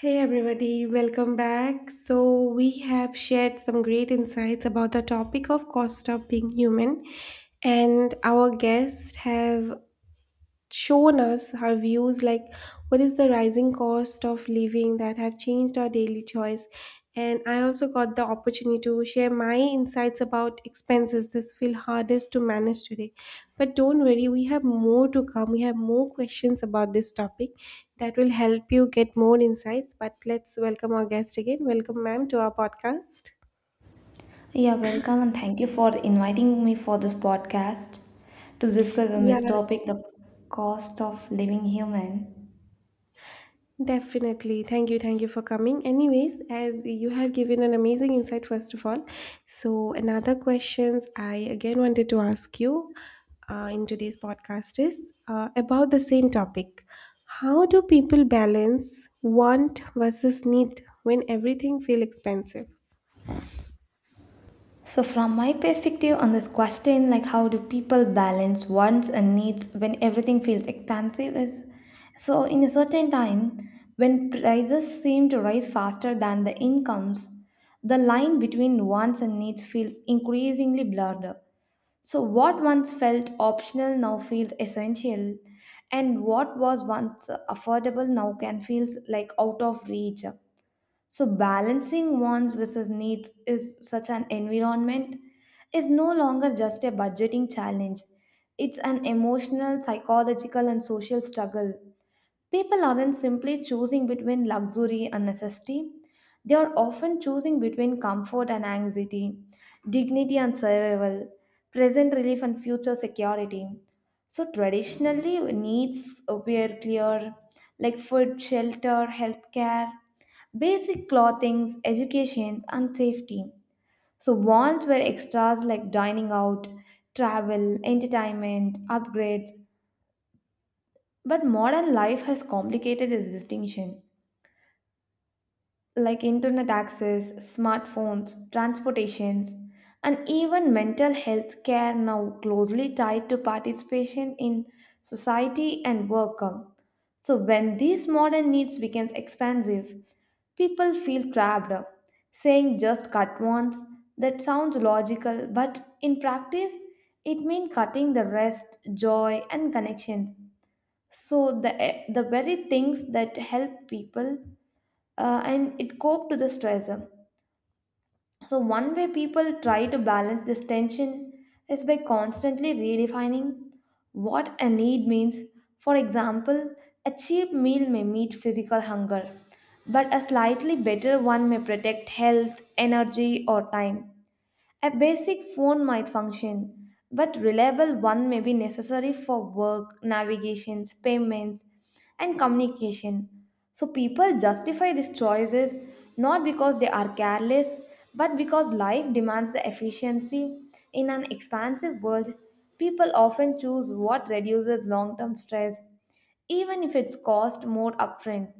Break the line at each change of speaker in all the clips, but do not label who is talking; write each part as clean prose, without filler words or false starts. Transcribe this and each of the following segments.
Hey everybody, welcome back. So, we have shared some great insights about the topic of cost of being human, and our guests have shown us her views like what is the rising cost of living that have changed our daily choice, and I also got the opportunity to share my insights about expenses this feel hardest to manage today. But don't worry, we have more to come. We have more questions about this topic that will help you get more insights. But let's welcome our guest again. Welcome, ma'am, to our podcast.
Yeah, welcome and thank you for inviting me for this podcast to discuss on
Yeah.
this topic the cost of living human.
Definitely. Thank you. Thank you for coming. Anyways, as you have given an amazing insight, first of all. So, another questions I again wanted to ask you in today's podcast is about the same topic. How do people balance want versus need when everything feel expensive?
So from my perspective on this question like how do people balance wants and needs when everything feels expensive is so in a certain time when prices seem to rise faster than the incomes the line between wants and needs feels increasingly blurred. So what once felt optional now feels essential, and what was once affordable now can feel like out of reach. So, balancing wants versus needs is such an environment is no longer just a budgeting challenge. It's an emotional, psychological, and social struggle. People aren't simply choosing between luxury and necessity. They are often choosing between comfort and anxiety, dignity and survival, present relief and future security. So, traditionally, needs were clear like food, shelter, healthcare, basic clothing, education, and safety. So, wants were extras like dining out, travel, entertainment, upgrades. But modern life has complicated this distinction, like internet access, smartphones, transportations, and even mental health care now closely tied to participation in society and work. So when these modern needs becomes expansive, people feel trapped. Saying just cut once that sounds logical, but in practice, it means cutting the rest, joy, and connections. So the very things that help people and it cope to the stress. So one way people try to balance this tension is by constantly redefining what a need means. For example, a cheap meal may meet physical hunger, but a slightly better one may protect health, energy, or time. A basic phone might function, but reliable one may be necessary for work, navigations, payments, and communication. So people justify these choices not because they are careless, but because life demands the efficiency. In an expansive world, people often choose what reduces long-term stress, even if it's cost more upfront.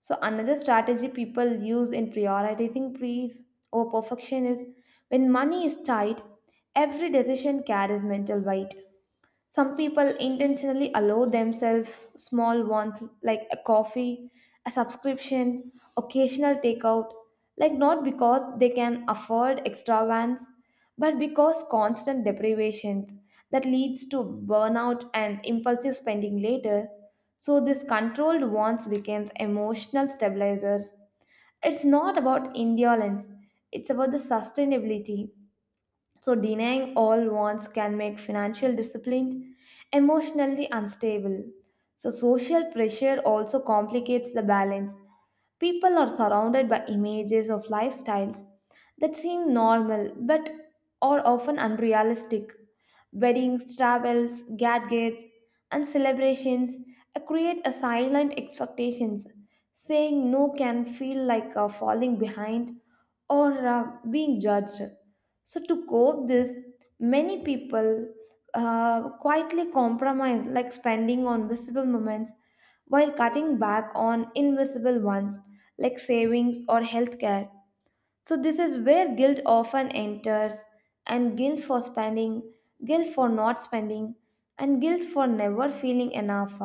So another strategy people use in prioritizing praise or perfection is when money is tight, every decision carries mental weight. Some people intentionally allow themselves small wants like a coffee, a subscription, occasional takeout, like not because they can afford extravagance, but because constant deprivations that leads to burnout and impulsive spending later. So this controlled wants becomes emotional stabilizers. It's not about indolence, it's about the sustainability, so denying all wants can make financial discipline emotionally unstable. So, social pressure also complicates the balance. People are surrounded by images of lifestyles that seem normal but are often unrealistic. Weddings, travels, gadgets, and celebrations create a silent expectations. Saying no can feel like falling behind or being judged. So to cope this, many people quietly compromise, like spending on visible moments while cutting back on invisible ones like savings or healthcare. So this is where guilt often enters, and guilt for spending, guilt for not spending and guilt for never feeling enough.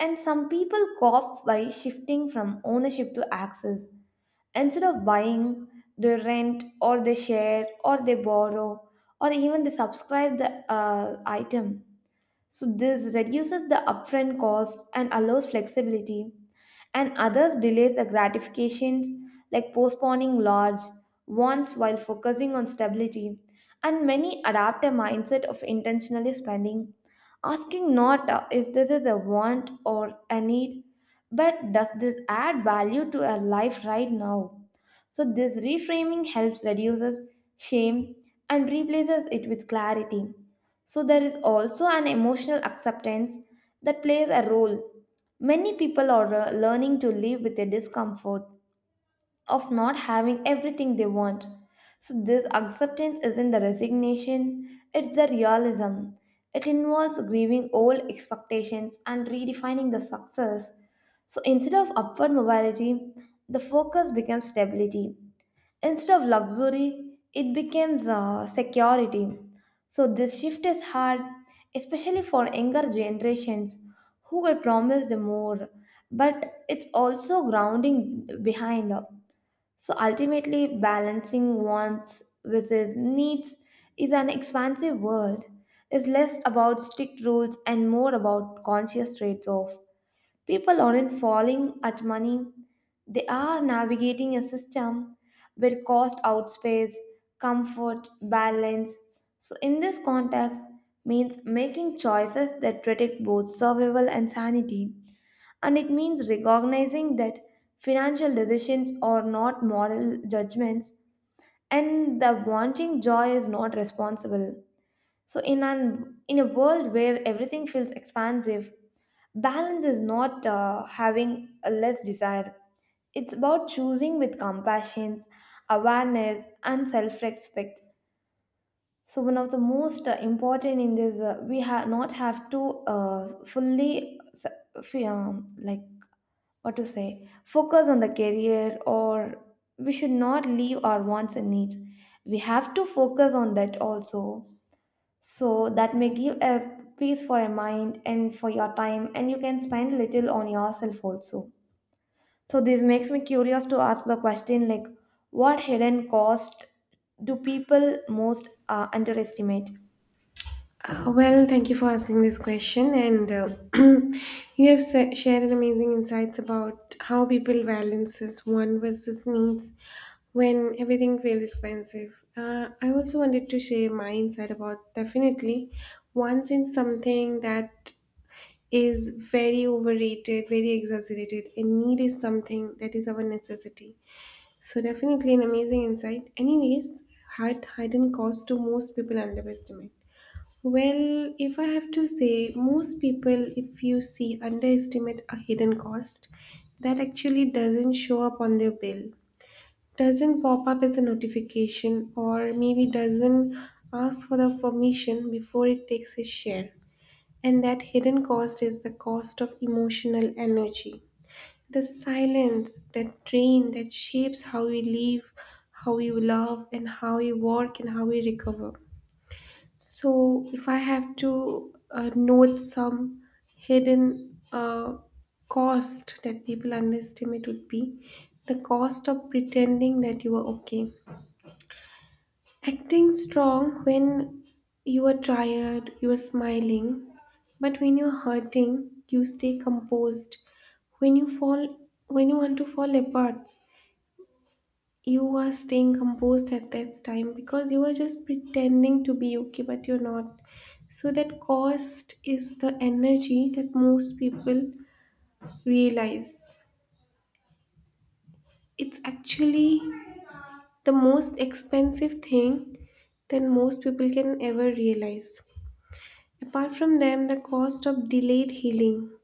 And some people cope by shifting from ownership to access. Instead of buying, they rent or they share or they borrow or even they subscribe the item. So this reduces the upfront cost and allows flexibility, and others delays the gratifications like postponing large wants while focusing on stability, and many adapt a mindset of intentionally spending, asking not is this is a want or a need, but does this add value to a life right now. So this reframing helps reduces shame and replaces it with clarity. So there is also an emotional acceptance that plays a role. Many people are learning to live with the discomfort of not having everything they want. So, this acceptance isn't the resignation, it's the realism. It involves grieving old expectations and redefining the success. So, instead of upward mobility, the focus becomes stability. Instead of luxury, it becomes security. So this shift is hard, especially for younger generations who were promised more, but it's also grounding behind. So ultimately, balancing wants versus needs is an expansive world. It's less about strict rules and more about conscious trades off. People aren't falling at money, they are navigating a system where cost outpaces comfort, balance. So, in this context, means making choices that protect both survival and sanity, and it means recognizing that financial decisions are not moral judgments and the wanting joy is not responsible. So in a world where everything feels expansive, balance is not having a less desire. It's about choosing with compassion, awareness, and self-respect. So one of the most important in this, we have not have to uh, fully s- like what to say focus on the career or we should not leave our wants and needs. We have to focus on that also, so that may give a peace for your mind and for your time and you can spend little on yourself also. So this makes me curious to ask the question like what hidden cost do people most underestimate.
Well, thank you for asking this question, and you have shared amazing insights about how people balances want versus needs when everything feels expensive. I also wanted to share my insight about definitely once in something that is very overrated, very exaggerated, and need is something that is our necessity. So definitely an amazing insight. Anyways, hard hidden cost to most people underestimate. Well, if I have to say, most people, if you see, underestimate a hidden cost that actually doesn't show up on their bill, doesn't pop up as a notification, or maybe doesn't ask for the permission before it takes its share. And that hidden cost is the cost of emotional energy. The silence, that drain that shapes how we live, how we love, and how we work, and how we recover. So, if I have to note some hidden cost that people underestimate, would be the cost of pretending that you are okay. Acting strong when you are tired, you are smiling, but when you're hurting, you stay composed. When you fall, when you want to fall apart, you were staying composed at that time because you were just pretending to be okay, but you're not. So, that cost is the energy that most people realize. It's actually the most expensive thing that most people can ever realize. Apart from them, the cost of delayed healing.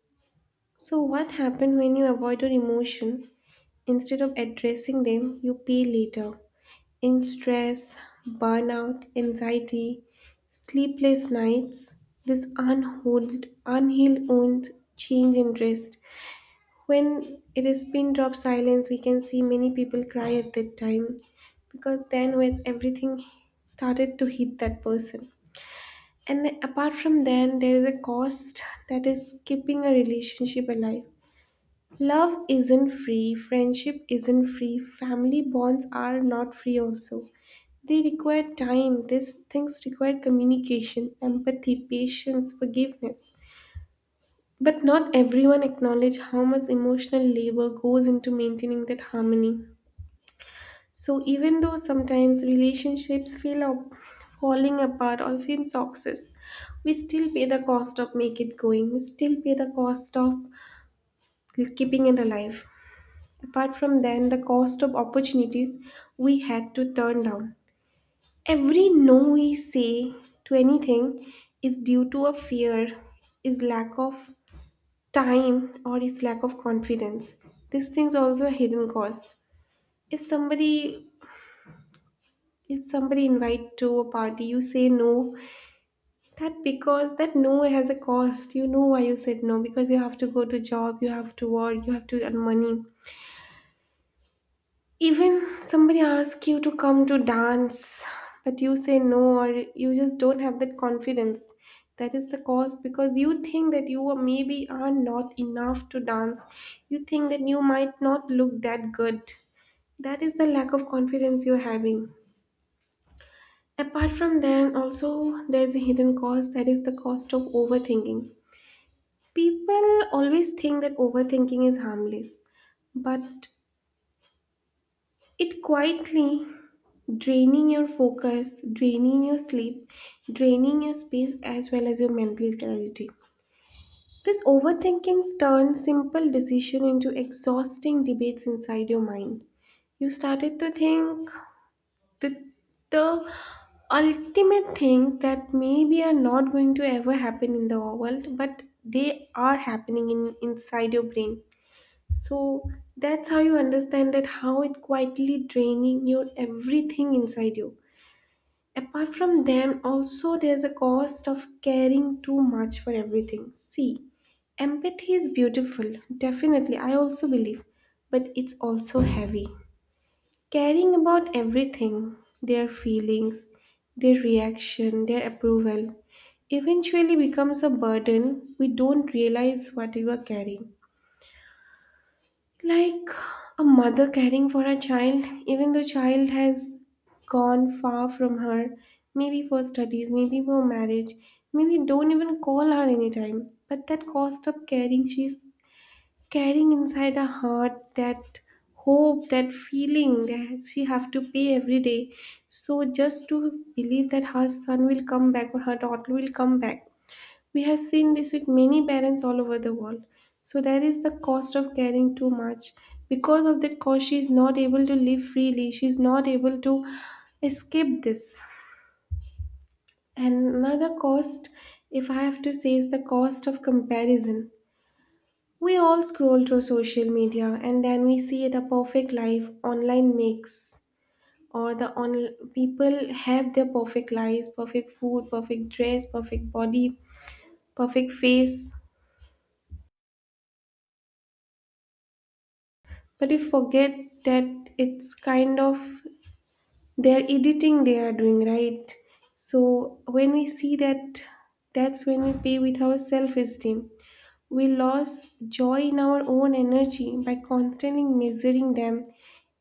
So, what happens when you avoid your emotion instead of addressing them? You pay later. In stress, burnout, anxiety, sleepless nights, this unhealed, unhealed wound change interest. When it is pin drop silence, we can see many people cry at that time because then when everything started to hit that person. And apart from then, there is a cost that is keeping a relationship alive. Love isn't free, friendship isn't free, family bonds are not free also. They require time, these things require communication, empathy, patience, forgiveness. But not everyone acknowledge how much emotional labor goes into maintaining that harmony. So even though sometimes relationships feel up, falling apart or feel toxic, we still pay the cost of make it going. We still pay the cost of keeping it alive. Apart from then, the cost of opportunities we had to turn down. Every no we say to anything is due to a fear, is lack of time, or is lack of confidence. These things also a hidden cost. If somebody if somebody invite to a party, you say no. That because that no has a cost. You know why you said no, because you have to go to job, you have to work, you have to earn money. Even somebody asks you to come to dance, but you say no, or you just don't have that confidence. That is the cause because you think that you are maybe are not enough to dance. You think that you might not look that good. That is the lack of confidence you're having. Apart from that, also there's a hidden cost that is the cost of overthinking. People always think that overthinking is harmless, but it quietly draining your focus, draining your sleep, draining your space as well as your mental clarity. This overthinking turns simple decision into exhausting debates inside your mind. You started to think that the ultimate things that maybe are not going to ever happen in the world, but they are happening in inside your brain. So that's how you understand that how it quietly draining your everything inside you. Apart from them, also there's a cost of caring too much for everything. See, empathy is beautiful, definitely, I also believe, but it's also heavy. Caring about everything, their feelings, their reaction, their approval, eventually becomes a burden. We don't realize what we are carrying, like a mother caring for her child, even though child has gone far from her, maybe for studies, maybe for marriage, maybe don't even call her anytime. But that cost of caring she's carrying inside her heart, that hope, that feeling that she have to pay every day, so just to believe that her son will come back or her daughter will come back. We have seen this with many parents all over the world. So there is the cost of caring too much. Because of that cost, she is not able to live freely. She is not able to escape this. And another cost, if I have to say, is the cost of comparison. We all scroll through social media and then we see the perfect life online makes or the on people have their perfect lives, perfect food, perfect dress, perfect body, perfect face. But we forget that it's kind of their editing they are doing, right? So when we see that, that's when we pay with our self esteem. We lost joy in our own energy by constantly measuring them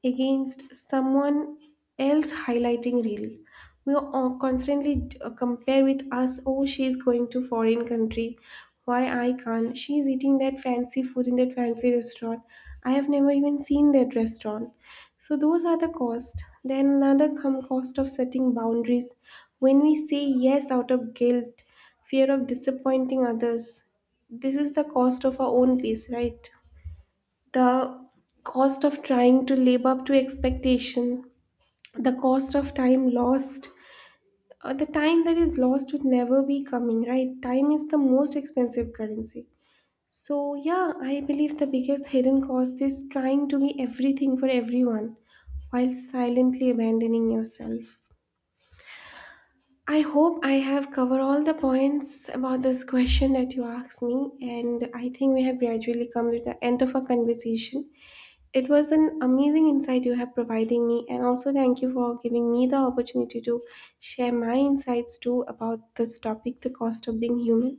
against someone else highlighting real. We are all constantly compare with us. Oh, she's going to foreign country. Why I can't? She's eating that fancy food in that fancy restaurant. I have never even seen that restaurant. So those are the cost. Then another come cost of setting boundaries. When we say yes out of guilt, fear of disappointing others, this is the cost of our own peace, right? The cost of trying to live up to expectation, the cost of time lost, the time that is lost would never be coming, right? Time is the most expensive currency. So, yeah, I believe the biggest hidden cost is trying to be everything for everyone while silently abandoning yourself. I hope I have covered all the points about this question that you asked me, and I think we have gradually come to the end of our conversation. It was an amazing insight you have providing me, and also thank you for giving me the opportunity to share my insights too about this topic, the cost of being human.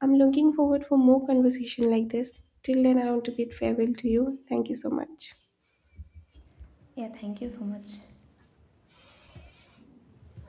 I'm looking forward for more conversation like this. Till then, I want to bid farewell to you. Thank you so much.
Yeah, thank you so much.